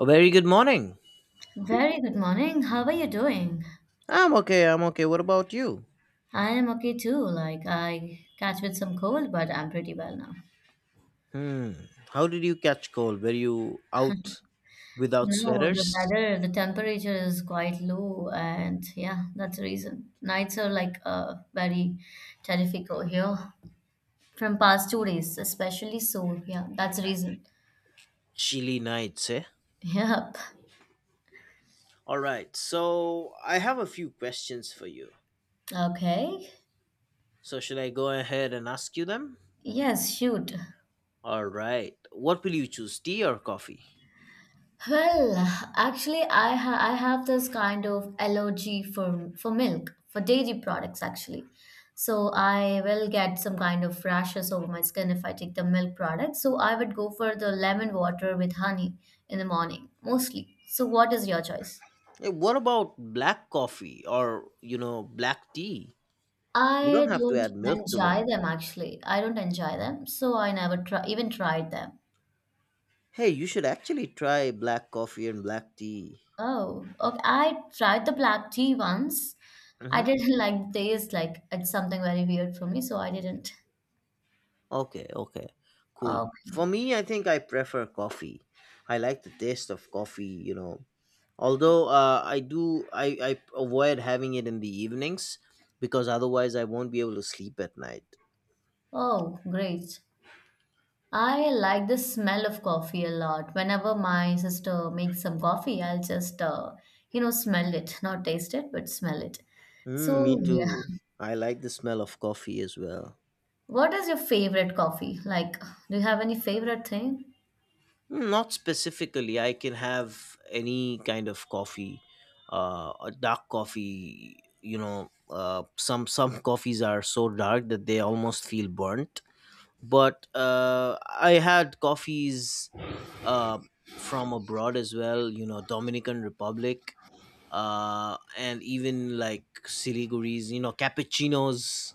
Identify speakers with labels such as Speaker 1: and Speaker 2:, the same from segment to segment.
Speaker 1: A very good morning.
Speaker 2: Very good morning. How are you doing?
Speaker 1: I'm okay, I'm okay. What about you?
Speaker 2: I am okay too. Like I catch with some cold, but I'm pretty well now.
Speaker 1: Hmm. How did you catch cold? Were you out without
Speaker 2: No, the
Speaker 1: sweaters?
Speaker 2: weather, the temperature is quite low, and yeah, that's the reason. Nights are like very terrific over here from past 2 days, especially. So yeah, that's the reason.
Speaker 1: Chilly nights, eh?
Speaker 2: Yep.
Speaker 1: Alright, so I have a few questions for you.
Speaker 2: Okay.
Speaker 1: So, should I go ahead and ask you them?
Speaker 2: Yes, shoot.
Speaker 1: Alright. What will you choose, tea or coffee?
Speaker 2: Well, actually, I have this kind of allergy for milk, for dairy products actually. So I will get some kind of rashes over my skin if I take the milk product. So I would go for the lemon water with honey in the morning, mostly. So what is your choice?
Speaker 1: What about black coffee or, black tea? You don't
Speaker 2: I
Speaker 1: have to
Speaker 2: don't
Speaker 1: add milk to them.
Speaker 2: enjoy them actually. I don't enjoy them, so I never try even tried them.
Speaker 1: Hey, you should actually try black coffee and black tea.
Speaker 2: Oh, okay. I tried the black tea once. I
Speaker 1: Mhm.
Speaker 2: didn't like the taste, like it's something very weird for me, so I didn't.
Speaker 1: Okay, okay, cool. For
Speaker 2: Okay.
Speaker 1: me, I think I prefer coffee. I like the taste of coffee. Although I avoid having it in the evenings because otherwise I won't be able to sleep at night.
Speaker 2: Oh, great. I like the smell of coffee a lot. Whenever my sister makes some coffee, I'll just, you know, smell it, not taste it, but smell it.
Speaker 1: Mm, me
Speaker 2: So, yeah.
Speaker 1: too. I like the smell of coffee as well.
Speaker 2: What is your favorite coffee? Like, do you have any favorite thing?
Speaker 1: Not specifically, I can have any kind of coffee, a dark coffee. You know, some coffees are so dark that they almost feel burnt, but I had coffees uh, from abroad as well. You know, Dominican Republic, and even like Siliguri's. You know, cappuccinos.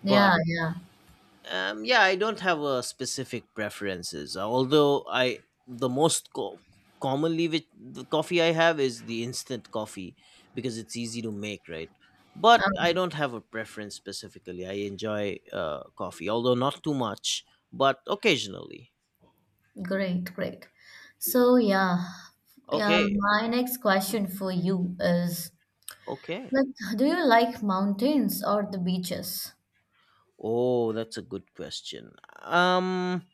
Speaker 1: But
Speaker 2: Yeah, yeah.
Speaker 1: yeah, I don't have a specific preferences. Although the most commonly which the coffee I have is the instant coffee, because it's easy to make, right? But I
Speaker 2: Um,
Speaker 1: don't have a preference specifically. I enjoy coffee, although not too much, but occasionally.
Speaker 2: great, great. So, yeah, yeah,
Speaker 1: Okay,
Speaker 2: my next question for you is
Speaker 1: okay.
Speaker 2: like, do you like mountains or the beaches?
Speaker 1: Oh, that's a good question.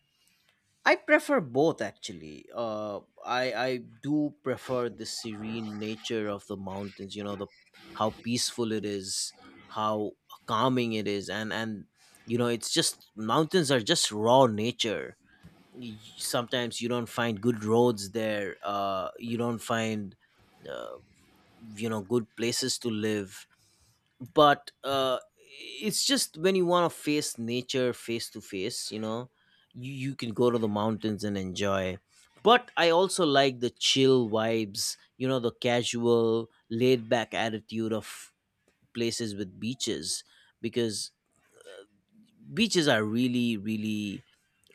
Speaker 1: I prefer both actually. I do prefer the serene nature of the mountains. You know the how peaceful it is, how calming it is, and it's just mountains are just raw nature. Sometimes you don't find good roads there. You don't find uh, good places to live, but it's just when you want to face nature face to face, you can go to the mountains and enjoy. But I also like the chill vibes, the casual laid back attitude of places with beaches, because beaches are really really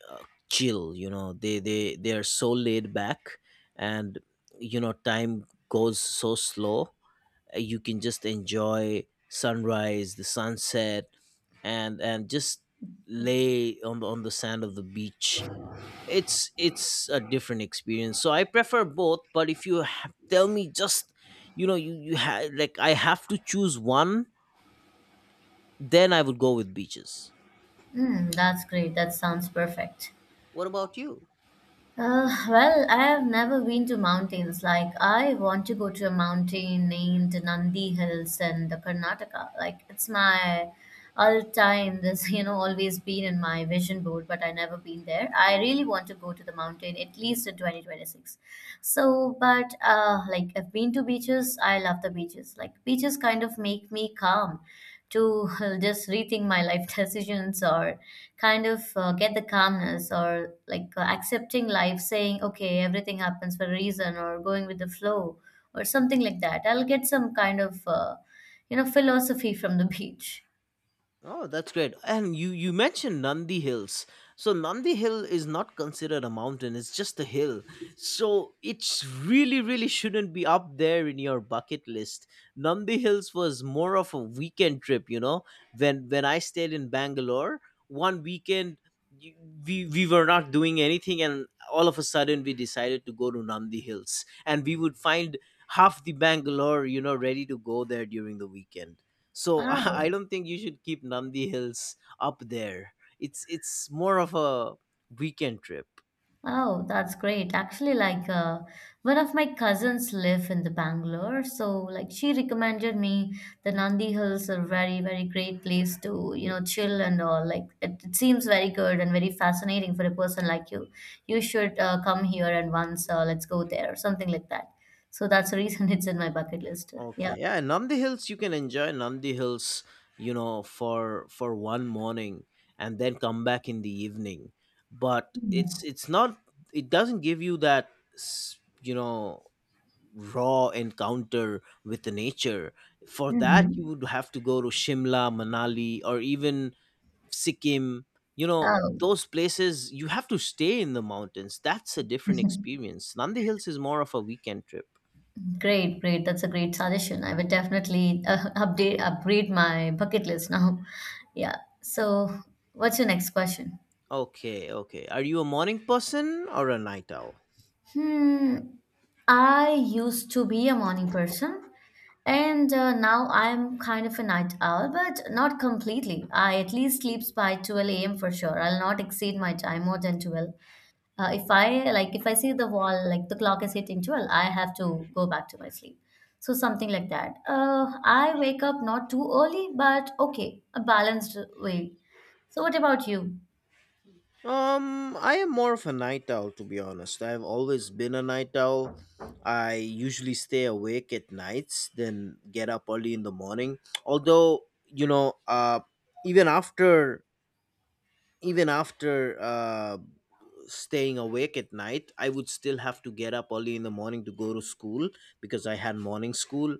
Speaker 1: uh, chill, they are so laid back. And time goes so slow. You can just enjoy sunrise, the sunset, and just lay on the sand of the beach. It's a different experience. So I prefer both, but if tell me, just, like, I have to choose one, then I would go with beaches.
Speaker 2: Hmm, that's great. That sounds perfect.
Speaker 1: What about you?
Speaker 2: I have never been to mountains. Like, I want to go to a mountain named Nandi Hills in the Karnataka. Like, it's my all time. This, you know, always been in my vision board, but I never been there. I really want to go to the mountain at least in 2026. So, but like, I've been to beaches. I love the beaches. Like, beaches kind of make me calm to just rethink my life decisions or kind of get the calmness or like accepting life saying okay everything happens for a reason or going with the flow or something like that I'll get some kind of philosophy from the beach.
Speaker 1: Oh, that's great. And you mentioned Nandi Hills. So Nandi Hill is not considered a mountain, it's just a hill. So it's really really shouldn't be up there in your bucket list. Nandi Hills was more of a weekend trip. When I stayed in Bangalore, one weekend, y- we were not doing anything, and all of a sudden we decided to go to Nandi Hills, and we would find half the Bangalore, ready to go there during the weekend. So
Speaker 2: Oh
Speaker 1: I don't think you should keep Nandi Hills up there. It's more of a weekend trip.
Speaker 2: Oh, that's great. Actually, one of my cousins live in the Bangalore, so like she recommended me the Nandi Hills are very, very great place to, you know, chill and all. Like it seems very good and very fascinating for a person like you. You should come here and once let's go there or something like that. So that's the reason it's in my bucket list.
Speaker 1: Okay.
Speaker 2: Yeah.
Speaker 1: Yeah, Nandi Hills you can enjoy Nandi Hills, for one morning and then come back in the evening. But it's not, it doesn't give you that s- you know raw encounter with the nature. For that you
Speaker 2: Mm-hmm.
Speaker 1: would have to go to Shimla, Manali or even Sikkim.
Speaker 2: Oh.
Speaker 1: Those places you have to stay in the mountains. That's a different experience. Nandi Hills is more of a weekend trip.
Speaker 2: Great, great. That's a great suggestion. I will definitely update upgrade my bucket list now. Yeah. So, what's your next question?
Speaker 1: Okay, okay. Are you a morning person or a night owl?
Speaker 2: Hmm. I used to be a morning person, and now I'm kind of a night owl, but not completely. I at least sleeps by 12 a.m. for sure. I'll not exceed my time more than 12. If I like, if I see the wall, like the clock is hitting 12, I have to go back to my sleep. So something like that. I wake up not too early, but okay, a balanced way. So what about you?
Speaker 1: I am more of a night owl, to be honest. I've always been a night owl. I usually stay awake at nights then get up early in the morning. Although, even after even after uh staying awake at night, I would still have to get up early in the morning to go to school, because I had morning school.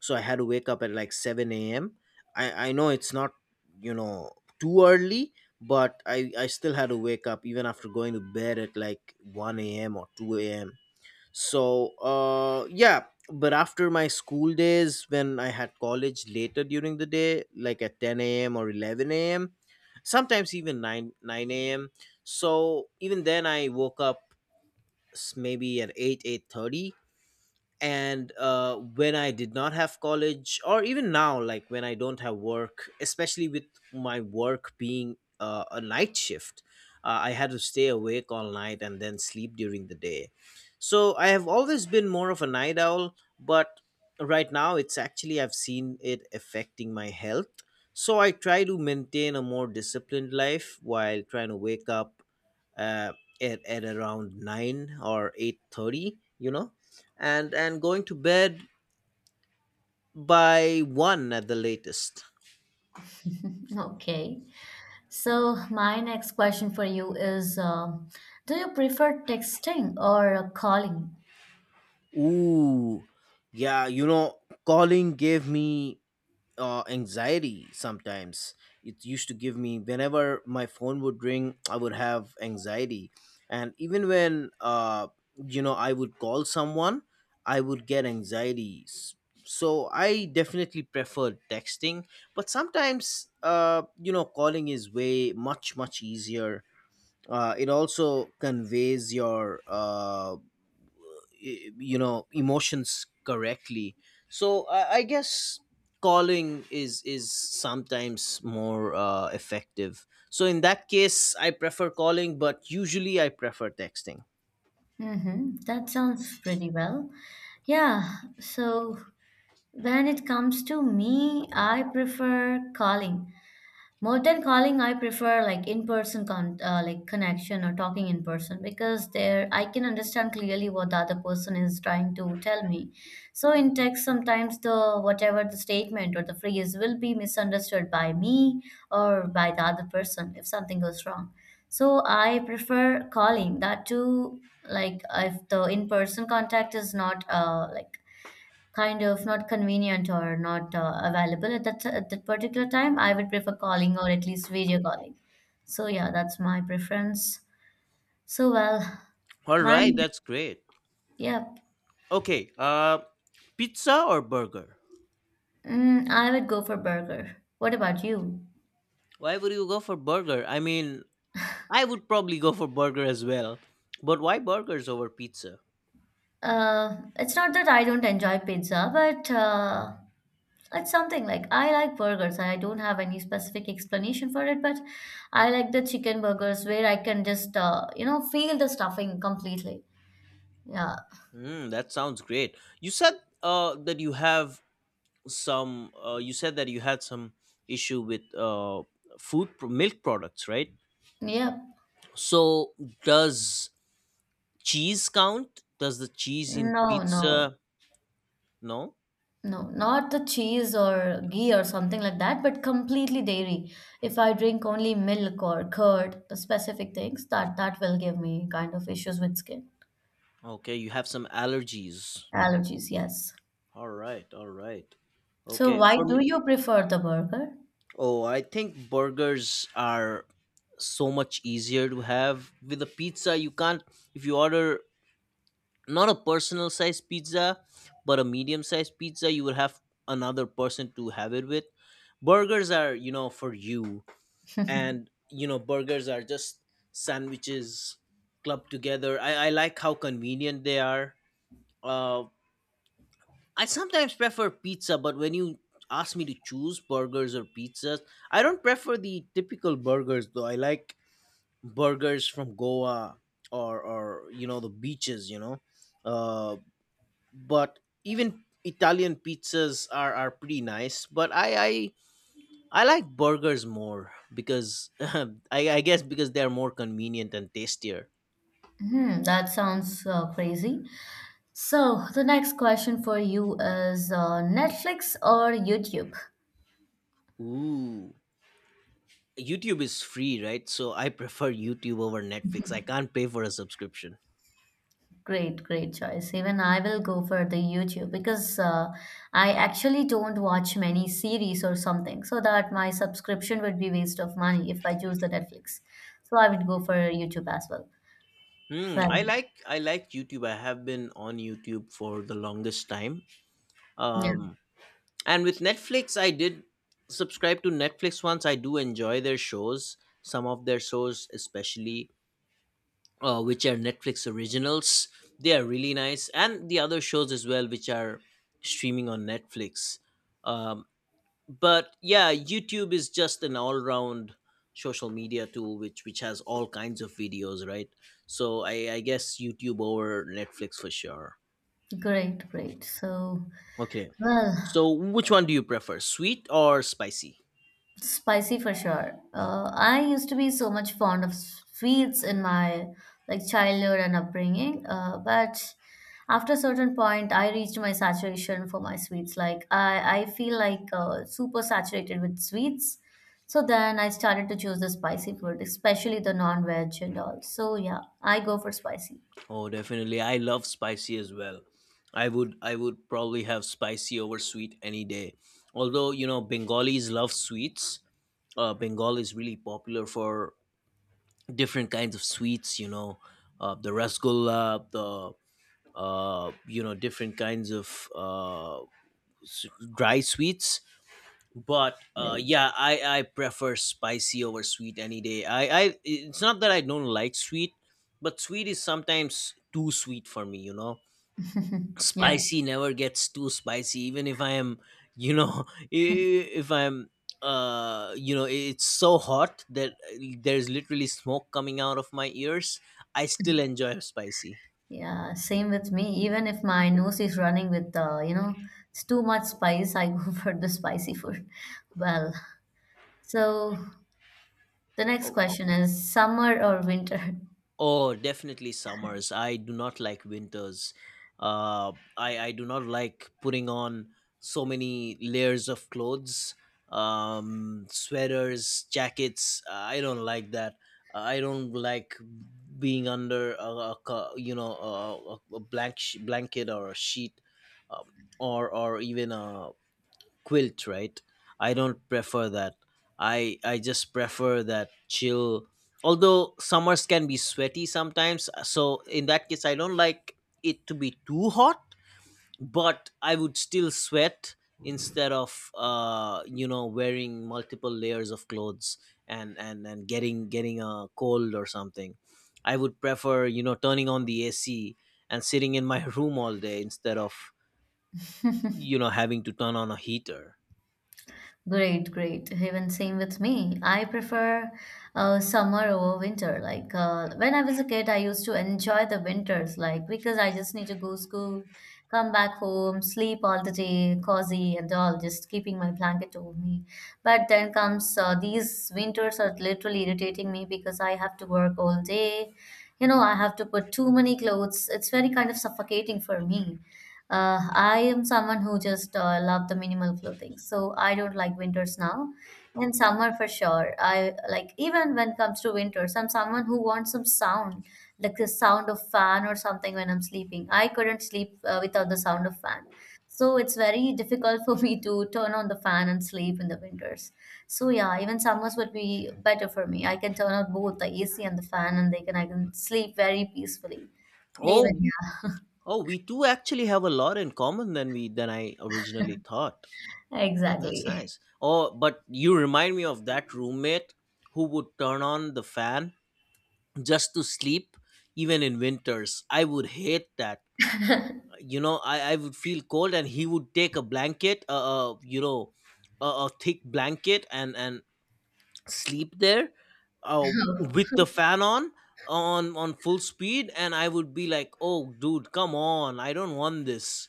Speaker 1: So I had to wake up at like 7 a.m. I know it's not you know too early, but I still had to wake up even after going to bed at like 1 a.m or 2 a.m. So yeah. But after my school days, when I had college later during the day, like at 10 a.m or 11 a.m, sometimes even 9 9 a.m, so even then I woke up, maybe at 8 8:30. And when I did not have college, or even now, like when I don't have work, especially with my work being a night shift, I had to stay awake all night and then sleep during the day. So I have always been more of a night owl, but right now it's actually, I've seen it affecting my health. So I try to maintain a more disciplined life, while trying to wake up uh, at around 9 or 8:30, you know and going to bed by 1 at the latest.
Speaker 2: Okay. So my next question for you is, do you prefer texting or calling?
Speaker 1: Ooh, yeah, calling gave me anxiety sometimes. It used to give me, whenever my phone would ring, I would have anxiety. And even when, I would call someone, I would get anxiety. So I definitely prefer texting. But sometimes calling is way much easier. It also conveys your, emotions correctly. So I guess calling is sometimes more effective. So in that case I prefer calling, but usually I prefer texting.
Speaker 2: Mm-hmm. That sounds pretty well. Yeah, so when it comes to me, I prefer calling. More than calling, I prefer like in-person con like connection or talking in person because there I can understand clearly what the other person is trying to tell me. So in text, sometimes the whatever the statement or the phrase will be misunderstood by me or by the other person if something goes wrong. So I prefer calling that too. Like if the in-person contact is not kind of not convenient or not available at that particular time, I would prefer calling or at least video calling. So yeah, that's my preference. So well,
Speaker 1: All right
Speaker 2: mine,
Speaker 1: that's great.
Speaker 2: yeah,
Speaker 1: Okay, pizza or burger?
Speaker 2: I would go for burger. What about you?
Speaker 1: Why would you go for burger? I mean, I would probably go for burger as well, but why burgers over pizza?
Speaker 2: It's not that I don't enjoy pizza, but it's something like I like burgers. I don't have any specific explanation for it, but I like the chicken burgers where I can just you know feel the stuffing completely. Yeah,
Speaker 1: Mm, that sounds great. You said, uh, that you have that you had some issue with milk products, right?
Speaker 2: yeah.
Speaker 1: So does cheese count? Does the cheese in
Speaker 2: No, no.
Speaker 1: pizza? No.
Speaker 2: No, not the cheese or ghee or something like that, but completely dairy. If I drink only milk or curd, the specific things, that will give me kind of issues with skin.
Speaker 1: Okay, you have some allergies.
Speaker 2: Allergies, yes.
Speaker 1: All right all right
Speaker 2: So
Speaker 1: okay,
Speaker 2: why
Speaker 1: for me,
Speaker 2: do you prefer the burger?
Speaker 1: oh, I think burgers are so much easier to have. With a pizza you can't, if you order not a personal size pizza but a medium sized pizza, you would have another person to have it with. Burgers are, for you. And burgers are just sandwiches clubbed together. I like how convenient they are. uh, I sometimes prefer pizza, but when you ask me to choose burgers or pizzas, I don't prefer the typical burgers, though I like burgers from goa, or the beaches, uh but even Italian pizzas are pretty nice. But I like burgers more, because I guess because they're more convenient and tastier.
Speaker 2: Hmm, that sounds crazy. So the next question for you is Netflix or YouTube?
Speaker 1: Ooh. YouTube is free, right? So I prefer YouTube over Netflix. I can't pay for a subscription.
Speaker 2: Great, great choice. Even I will go for the YouTube because I actually don't watch many series or something, so that my subscription would be waste of money if I choose the Netflix. So I would go for YouTube as well.
Speaker 1: Hmm,
Speaker 2: Well,
Speaker 1: I like YouTube. I have been on YouTube for the longest time.
Speaker 2: yeah,
Speaker 1: Um, and with Netflix, I did subscribe to Netflix once. I do enjoy their shows, some of their shows, especially which are Netflix originals. They are really nice, and the other shows as well, which are streaming on Netflix. Um, but yeah, YouTube is just an all-round social media tool, which has all kinds of videos, right? So I guess YouTube over Netflix for sure.
Speaker 2: great, great. So,
Speaker 1: Okay.
Speaker 2: well,
Speaker 1: So which one do you prefer, sweet or spicy?
Speaker 2: spicy for sure. I used to be so much fond of sweets in my like childhood and upbringing, but after a certain point, I reached my saturation for my sweets. Like I feel like super saturated with sweets. So then I started to choose the spicy food, especially the non-veg and all. So yeah, I go for spicy.
Speaker 1: Oh, definitely. I love spicy as well. I would probably have spicy over sweet any day. Although, Bengalis love sweets. Bengal is really popular for different kinds of sweets, the rasgulla, the different kinds of s- dry sweets. But
Speaker 2: Right.
Speaker 1: yeah, I prefer spicy over sweet any day. I It's not that I don't like sweet, but sweet is sometimes too sweet for me.
Speaker 2: yeah.
Speaker 1: Spicy never gets too spicy, even if I am, if I'm, it's so hot that, there's literally smoke coming out of my ears, I still enjoy spicy.
Speaker 2: Yeah, same with me. Even if my nose is running with you know, it's too much spice, I go for the spicy food. Well, so the next
Speaker 1: Oh,
Speaker 2: question is summer or winter?
Speaker 1: Oh, definitely summers. I do not like winters. I do not like putting on so many layers of clothes, sweaters, jackets. I don't like that. I don't like being under a co- you know a blanket or a sheet, um, or even a quilt, right? I don't prefer that. I just prefer that chill. Although summers can be sweaty sometimes, so in that case I don't like it to be too hot, but I would still sweat instead of wearing multiple layers of clothes and getting a cold or something. I would prefer, turning on the AC and sitting in my room all day instead of, having to turn on a heater.
Speaker 2: Great, great. Even same with me. I prefer summer over winter. When I was a kid, I used to enjoy the winters, like because I just need to go school, come back home, sleep all the day, cozy and all, just keeping my blanket over me. But then comes these winters are literally irritating me because I have to work all day. You know, I have to put too many clothes. It's very kind of suffocating for me. I am someone who just love the minimal clothing, so I don't like winters now, and summer for sure. I like even when it comes to winters, I'm someone who wants some sound, like the sound of fan or something when I'm sleeping. I couldn't sleep without the sound of fan, so it's very difficult for me to turn on the fan and sleep in the winters. So yeah, even summers would be better for me. I can turn on both the AC and the fan, and they can I can sleep very peacefully. Even
Speaker 1: Oh.
Speaker 2: yeah,
Speaker 1: Oh, we do actually have a lot in common than we than I originally thought. Man, that's
Speaker 2: exactly.
Speaker 1: nice. Oh, but you remind me of that roommate who would turn on the fan just to sleep, even in winters. I would hate that. I would feel cold, and he would take a blanket, a thick blanket, and sleep there, uh, with the fan on on full speed, and I would be like, "Oh, dude, come on, I don't want this."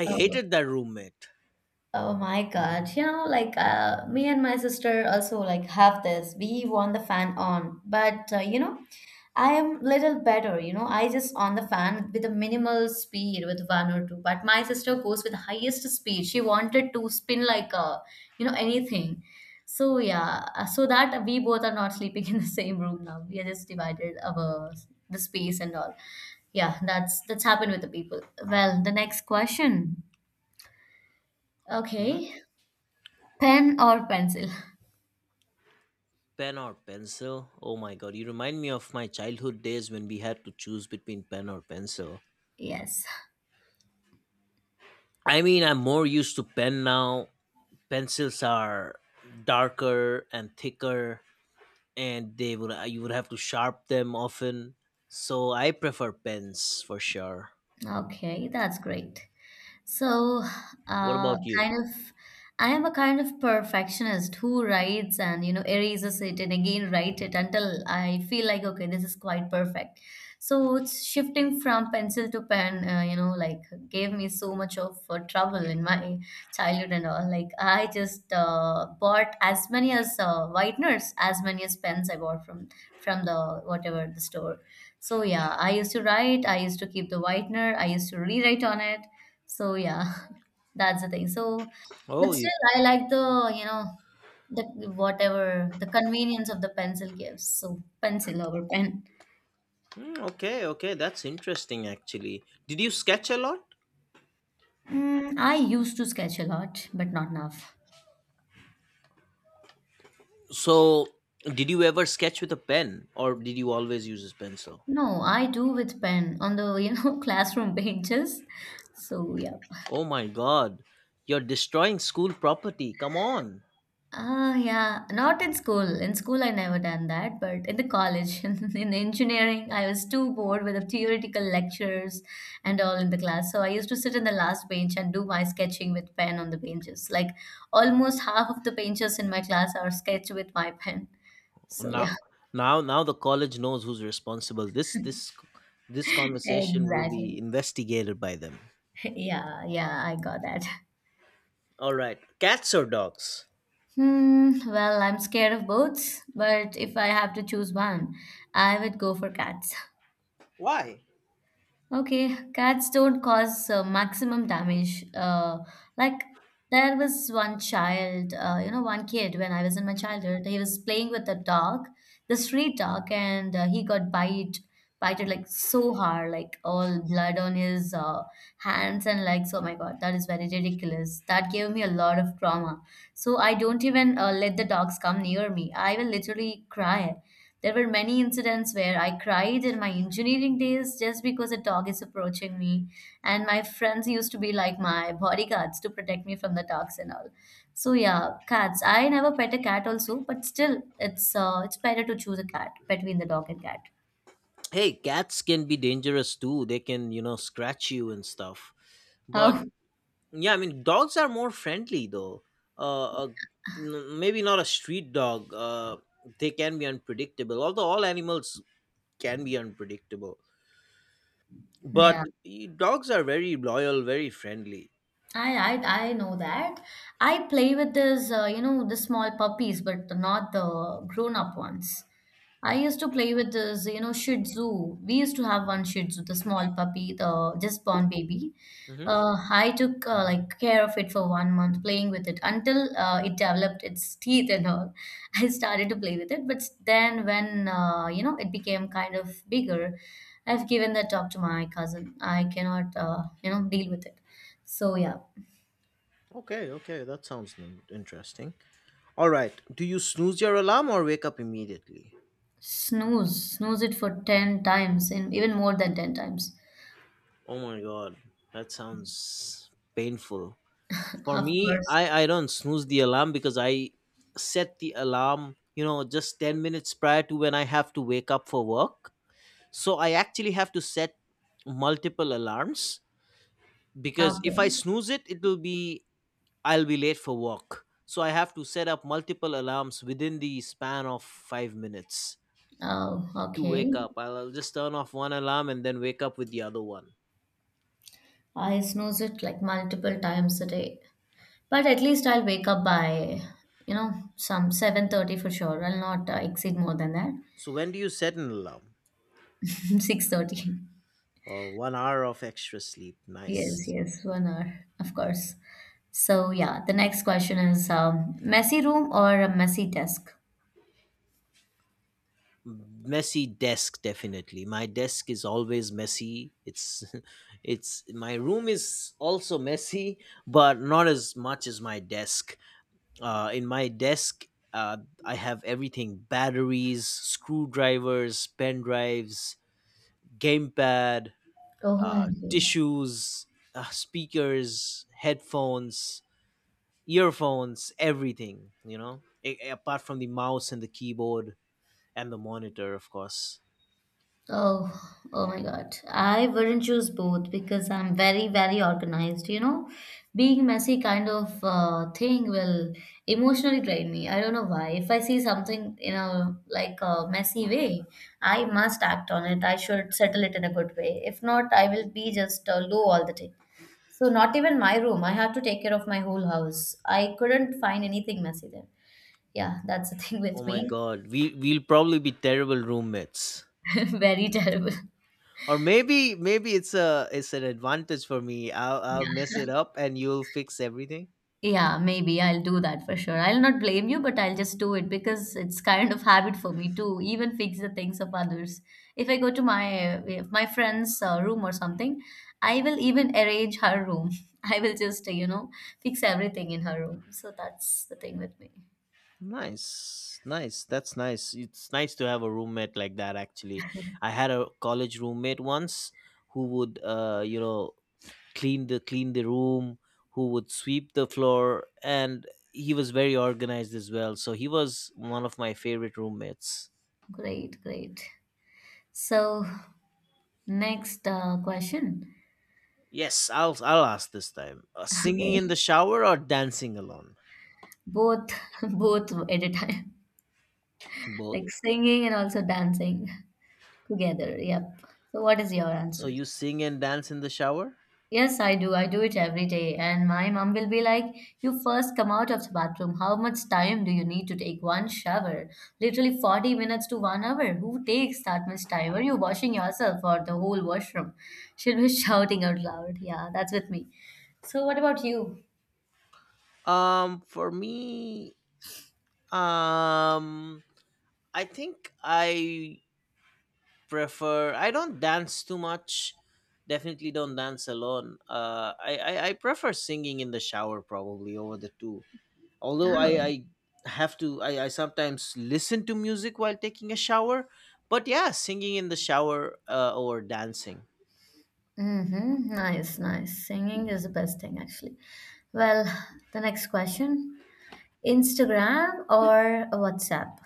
Speaker 1: I
Speaker 2: Oh,
Speaker 1: hated that roommate.
Speaker 2: oh my God. You know, me and my sister also like have this. We want the fan on, but you know, I am little better. You know, I just on the fan with a minimal speed with one or two, but my sister goes with highest speed. She wanted to spin like a, you know, anything. So yeah, so that we both are not sleeping in the same room now. We are just divided our the space and all. Yeah, that's happened with the people. Well, the next question.
Speaker 1: Hmm.
Speaker 2: Okay. Pen or pencil?
Speaker 1: Pen or pencil? Oh my god, you remind me of my childhood days when we had to choose between pen or pencil.
Speaker 2: Yes.
Speaker 1: I mean, I'm more used to pen now. Pencils are darker and thicker, and they would you would have to sharp them often. So I prefer pens for sure.
Speaker 2: Okay, that's great. So,
Speaker 1: What
Speaker 2: uh,
Speaker 1: about you?
Speaker 2: kind of, I am a kind of perfectionist who writes and you know erases it and again write it until I feel like okay, this is quite perfect. So it's shifting from pencil to pen, you know, like gave me so much of trouble in my childhood and all. Like I just bought as many as whiteners, as many as pens I bought from the whatever the store. So yeah, I used to write, I used to keep the whitener, I used to rewrite on it, so yeah, that's the thing. So,
Speaker 1: Oh,
Speaker 2: but
Speaker 1: you.
Speaker 2: still, I like the, you know, the whatever the convenience of the pencil gives. So pencil over pen.
Speaker 1: Hmm, okay, okay, that's interesting actually. Did you sketch a lot?
Speaker 2: Mm, I used to sketch a lot, but not enough.
Speaker 1: So, did you ever sketch with a pen or did you always use a pencil?
Speaker 2: No, I do with pen on the, you know, classroom benches. So yeah.
Speaker 1: Oh my god, you're destroying school property. Come on.
Speaker 2: Ah, yeah, not in school. In school, I never done that, but in the college, in engineering, I was too bored with the theoretical lectures and all in the class. So I used to sit in the last bench and do my sketching with pen on the benches. Like almost half of the benches in my class are sketched with my pen. So
Speaker 1: Now
Speaker 2: yeah,
Speaker 1: now the college knows who's responsible. This conversation will be
Speaker 2: exactly.
Speaker 1: investigated by them.
Speaker 2: Yeah, yeah, I got that.
Speaker 1: All right. Cats or dogs?
Speaker 2: Hmm, well, I'm scared of boats, but if I have to choose one, I would go for cats.
Speaker 1: Why?
Speaker 2: Okay, cats don't cause maximum damage. Like there was one child, you know, one kid when I was in my childhood, he was playing with a dog, the street dog, and he got bited like so hard, like all blood on his hands and legs. Oh my God, that is very ridiculous. That gave me a lot of trauma. So I don't even let the dogs come near me. I will literally cry. There were many incidents where I cried in my engineering days just because a dog is approaching me, and my friends used to be like my bodyguards to protect me from the dogs and all. So yeah, cats. I never pet a cat also, but still, it's better to choose a cat between the dog and cat.
Speaker 1: Hey, cats can be dangerous too. They can, scratch you and stuff. But.
Speaker 2: Oh
Speaker 1: Yeah, I mean, dogs are more friendly, though. Uh, a, Maybe not a street dog. They can be unpredictable, although all animals can be unpredictable. But
Speaker 2: yeah.
Speaker 1: dogs are very loyal, very friendly.
Speaker 2: I know that. I play with this, the small puppies, but not the grown-up ones. I used to play with this, you know, Shih Tzu. We used to have one Shih Tzu, the small puppy, the just born baby.
Speaker 1: Hmm.
Speaker 2: I took like care of it for 1 month, playing with it until it developed its teeth and all. I started to play with it, but then when it became kind of bigger, I've given that up to my cousin. I cannot, deal with it. So yeah.
Speaker 1: Okay, okay, that sounds interesting. All right, do you snooze your alarm or wake up immediately?
Speaker 2: Snooze, snooze it for 10 times and even more than 10 times.
Speaker 1: Oh my god, that sounds painful. For
Speaker 2: Of
Speaker 1: me,
Speaker 2: course.
Speaker 1: I don't snooze the alarm because I set the alarm, just 10 minutes prior to when I have to wake up for work. So I actually have to set multiple alarms because if
Speaker 2: Okay.
Speaker 1: I snooze it, it will be I'll be late for work. So I have to set up multiple alarms within the span of 5 minutes
Speaker 2: Oh,
Speaker 1: to wake
Speaker 2: okay.
Speaker 1: up. I'll just turn off one alarm and then wake up with the other one.
Speaker 2: I snooze it like multiple times a day. But at least I'll wake up by, you know, some 7:30 for sure. I'll not exceed more than that.
Speaker 1: So when do you set an alarm?
Speaker 2: 6:30.
Speaker 1: Oh, 1 hour of extra sleep.
Speaker 2: Yes,
Speaker 1: Nice.
Speaker 2: yes, 1 hour, of course. So yeah, the next question is messy room or a messy desk?
Speaker 1: Messy desk, definitely. My desk is always messy. It's it's my room is also messy, but not as much as my desk. In my desk, uh I have everything: batteries, screwdrivers, pen drives, gamepad,
Speaker 2: Oh my God.
Speaker 1: tissues, speakers, headphones, earphones, everything, apart from the mouse and the keyboard and the monitor, of course.
Speaker 2: Oh, oh my God. I wouldn't choose both because I'm very, very organized. You know, being messy kind of thing will emotionally drain me. I don't know why. If I see something in a like a messy way, I must act on it. I should settle it in a good way. If not, I will be just low all the day. So not even my room. I had to take care of my whole house. I couldn't find anything messy there. Yeah, that's the thing
Speaker 1: Oh
Speaker 2: with
Speaker 1: my
Speaker 2: me.
Speaker 1: god, we'll probably be terrible roommates.
Speaker 2: Very terrible.
Speaker 1: Or maybe it's an advantage for me. I'll mess it up and you'll fix everything.
Speaker 2: Yeah, maybe I'll do that for sure. I'll not blame you, but I'll just do it because it's kind of habit for me to even fix the things of others. If I go to my if my friend's room or something, I will even arrange her room. I will just, you know, fix everything in her room. So that's the thing with me.
Speaker 1: Nice. Nice. That's nice. It's nice to have a roommate like that actually. I had a college roommate once who would clean the room, who would sweep the floor, and he was very organized as well. So he was one of my favorite roommates.
Speaker 2: Great, great. So next question.
Speaker 1: Yes, I'll ask this time. Singing in the
Speaker 2: Okay.
Speaker 1: shower or dancing alone?
Speaker 2: Both both at a time. Like
Speaker 1: Both.
Speaker 2: singing and also dancing together. Yep. So what is your
Speaker 1: So
Speaker 2: answer?
Speaker 1: you sing and dance in the shower?
Speaker 2: Yes, I do. I do it every day. And my mom will be like, you first come out of the bathroom. How much time do you need to take one shower? Literally 40 minutes to 1 hour. Who takes that much time? Are you washing yourself or the whole washroom? She'll be shouting out loud. Yeah, that's with me. So, what about you?
Speaker 1: For me, um I think I don't dance too much. Definitely don't dance alone. I prefer singing in the shower, probably, over the two. Although I
Speaker 2: Oh,
Speaker 1: I have to I, I sometimes listen to music while taking a shower, but yeah, singing in the shower, or dancing.
Speaker 2: mm-hmm. Nice, nice. Singing is the best thing, actually. Well, the next question, Instagram or WhatsApp?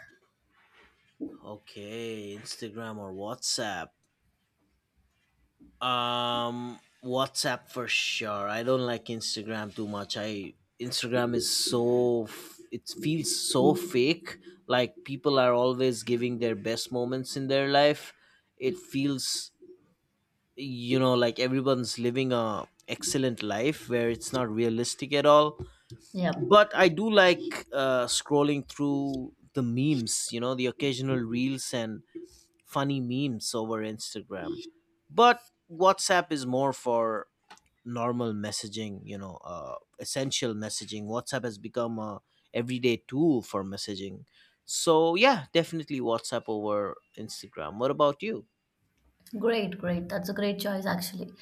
Speaker 1: Okay, Instagram or WhatsApp. WhatsApp for sure. I don't like Instagram too much. I Instagram is so it feels so fake. Like, people are always giving their best moments in their life. It feels, like everyone's living a excellent life, where it's not realistic at all.
Speaker 2: Yep.
Speaker 1: But I do like, scrolling through the memes. You know, the occasional reels and funny memes over Instagram. But WhatsApp is more for normal messaging, essential messaging. WhatsApp has become a everyday tool for messaging. So yeah, definitely WhatsApp over Instagram. What about you?
Speaker 2: Great, great. That's a great choice, actually.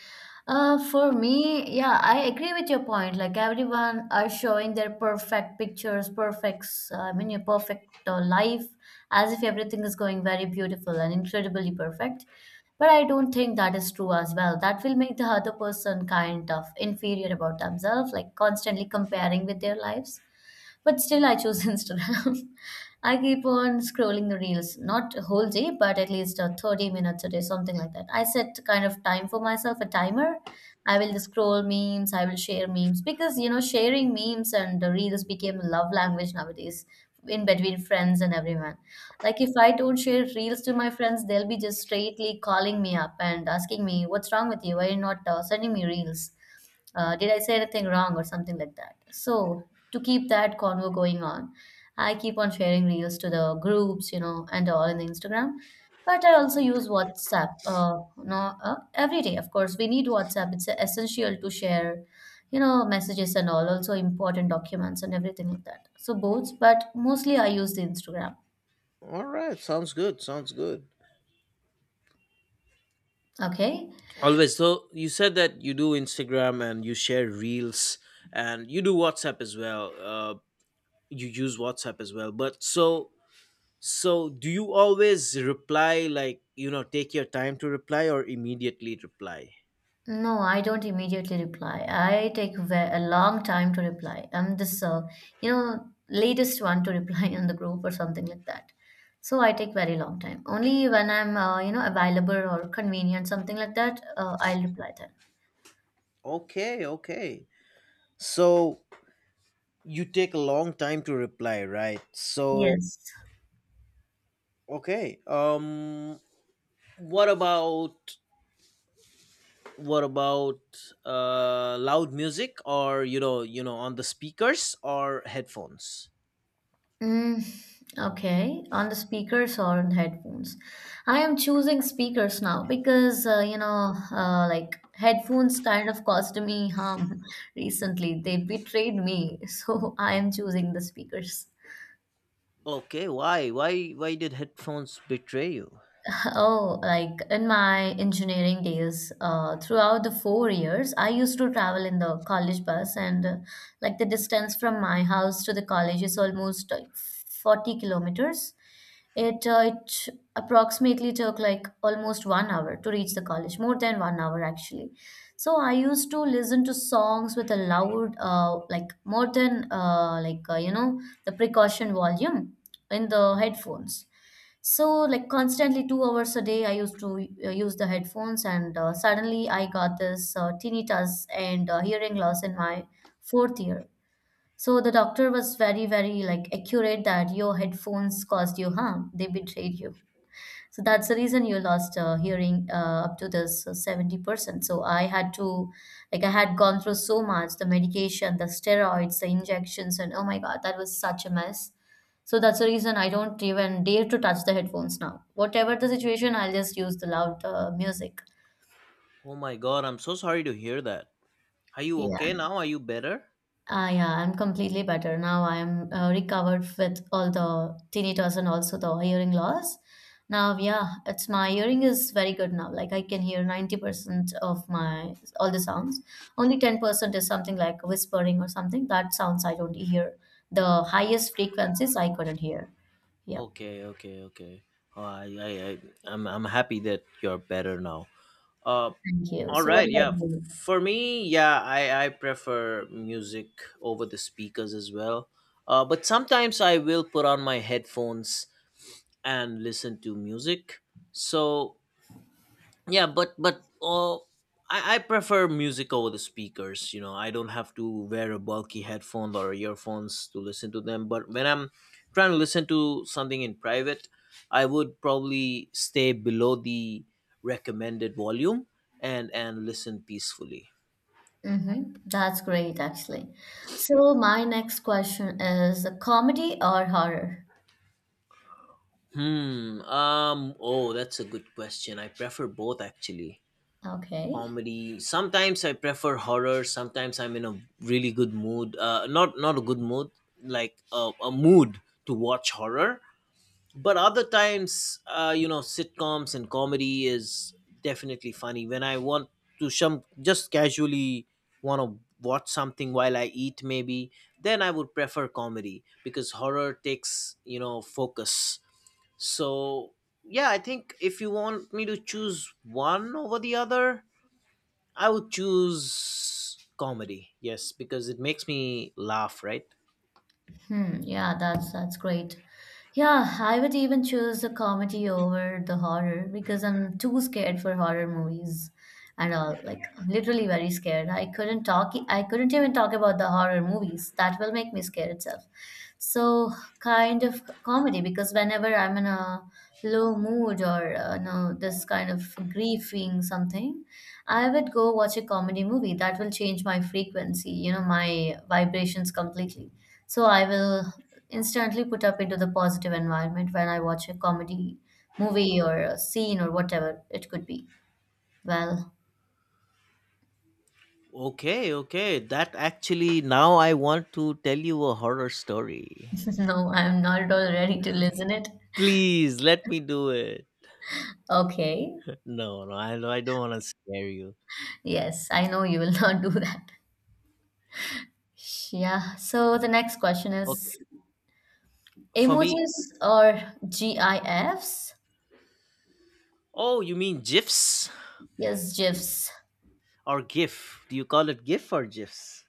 Speaker 2: For me, yeah, I agree with your point. Like everyone are showing their perfect pictures, perfect, I mean, your perfect life, as if everything is going very beautiful and incredibly perfect. But I don't think that is true as well. That will make the other person kind of inferior about themselves, like constantly comparing with their lives. But still, I choose Instagram. I keep on scrolling the reels, not a whole day, but at least 30 minutes a day, something like that. I set kind of time for myself, a timer. I will scroll memes, I will share memes because you know, sharing memes and the reels became love language nowadays in between friends and everyone. Like, if I don't share reels to my friends, they'll be just straightly calling me up and asking me, what's wrong with you? Why are you not sending me reels? Did I say anything wrong or something like that? So to keep that convo going on, I keep on sharing reels to the groups, you know, and all in the Instagram. But I also use WhatsApp. No, every day, of course, we need WhatsApp. It's essential to share, you know, messages and all, also important documents and everything like that. So both, but mostly I use the Instagram.
Speaker 1: All right, sounds good. Sounds good.
Speaker 2: Okay.
Speaker 1: Always. So you said that you do Instagram and you share reels, and you do WhatsApp as well. You use WhatsApp as well. But so So, do you always reply, like, take your time to reply or immediately reply?
Speaker 2: No, I don't immediately reply. I take a long time to reply. I'm this, latest one to reply on the group or something like that. So I take very long time. Only when I'm, available or convenient, something like that, I'll reply then.
Speaker 1: Okay, okay. So, you take a long time to reply, right? So,
Speaker 2: Yes.
Speaker 1: okay. What about what about loud music, or, on the speakers or headphones?
Speaker 2: Mm, okay, on the speakers or on headphones. I am choosing speakers now because like headphones kind of caused me harm recently. They betrayed me, so I am choosing the speakers.
Speaker 1: Okay, why did headphones betray you?
Speaker 2: Oh, like in my engineering days, throughout the 4 years, I used to travel in the college bus, and like the distance from my house to the college is almost 40 kilometers. It approximately took like almost 1 hour to reach the college, more than 1 hour actually. So I used to listen to songs with a loud, like more than the precaution volume in the headphones. So like constantly 2 hours a day, I used to use the headphones, and suddenly I got this tinnitus and hearing loss in my fourth year. So the doctor was very, very like accurate that your headphones caused you harm. They betrayed you. So that's the reason you lost hearing up to this 70%. So I had to, like, I had gone through so much the medication, the steroids, the injections, and oh my god, that was such a mess. So that's the reason I don't even dare to touch the headphones now. Whatever the situation, I'll just use the loud music.
Speaker 1: Oh my god, I'm so sorry to hear that. Are you okay now? Are you better?
Speaker 2: Ah, yeah, I'm completely better now. I'm recovered with all the tinnitus and also the hearing loss. Now, yeah, it's my hearing is very good now. Like I can hear 90% of my all the sounds. Only 10% is something like whispering or something. That sounds I don't hear. The highest frequencies I couldn't hear. Yep.
Speaker 1: Okay, okay, okay. Oh, I'm happy that you're better now. Uh,
Speaker 2: Thank you.
Speaker 1: all
Speaker 2: So what
Speaker 1: right,
Speaker 2: about
Speaker 1: yeah.
Speaker 2: you?
Speaker 1: For me, yeah, I prefer music over the speakers as well. But sometimes I will put on my headphones and listen to music. So yeah, but I prefer music over the speakers. I don't have to wear a bulky headphone or earphones to listen to them, but when I'm trying to listen to something in private, I would probably stay below the recommended volume and listen peacefully.
Speaker 2: Mm-hmm. That's great, actually. So my next question is comedy or horror?
Speaker 1: Hmm. Oh, that's a good question. I prefer both, actually.
Speaker 2: Okay.
Speaker 1: Comedy sometimes, I prefer horror sometimes. I'm in a really good mood, not a good mood, like a mood to watch horror. But other times, sitcoms and comedy is definitely funny. When I want to some just casually want to watch something while I eat, maybe, then I would prefer comedy because horror takes, focus. So yeah, I think if you want me to choose one over the other, I would choose comedy, yes, because it makes me laugh, right?
Speaker 2: Hmm, yeah, that's great. Yeah, I would even choose the comedy over the horror because I'm too scared for horror movies and all, like literally very scared. I couldn't even talk about the horror movies. That will make me scared itself. So kind of comedy because whenever I'm in a low mood or no this kind of grieving something, I would go watch a comedy movie that will change my frequency, you know, my vibrations completely. So I will instantly put up into the positive environment when I watch a comedy movie or a scene or whatever it could be. Well,
Speaker 1: Okay, okay. That actually, now I want to tell you a horror story.
Speaker 2: no, I'm not at all ready to listen it.
Speaker 1: Please let me do it.
Speaker 2: Okay.
Speaker 1: No, no, I don't want to scare you.
Speaker 2: Yes, I know you will not do that. Yeah. So the next question
Speaker 1: Okay,
Speaker 2: is
Speaker 1: for me,
Speaker 2: emojis or GIFs?
Speaker 1: oh, you mean GIFs
Speaker 2: Yes, GIFs.
Speaker 1: or GIF? Do you call it GIF or GIFs?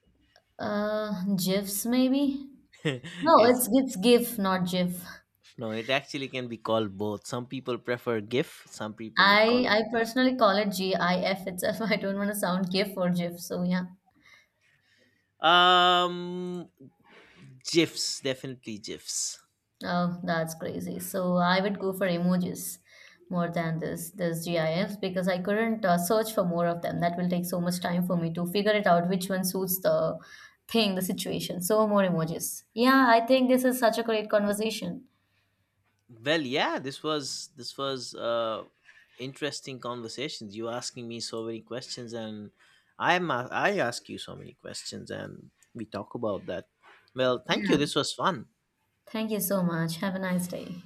Speaker 2: GIFs maybe? No,
Speaker 1: yes,
Speaker 2: it's GIF, not GIF.
Speaker 1: no, it actually can be called both. Some people prefer GIF, some people call it
Speaker 2: I
Speaker 1: GIF.
Speaker 2: personally call it GIF itself. I don't want to sound GIF or GIF. So yeah,
Speaker 1: Um, GIFs, definitely GIFs.
Speaker 2: oh that's crazy. So I would go for emojis more than this GIFs because I couldn't search for more of them. That will take so much time for me to figure it out which one suits the thing, the situation. So more emojis. Yeah, I think this is such a great conversation.
Speaker 1: Well, yeah, this was interesting conversations. You asking me so many questions, and I ask you so many questions, and we talk about that. Well, thank you.
Speaker 2: Yeah.
Speaker 1: This was fun.
Speaker 2: Thank you so much. Have a nice day.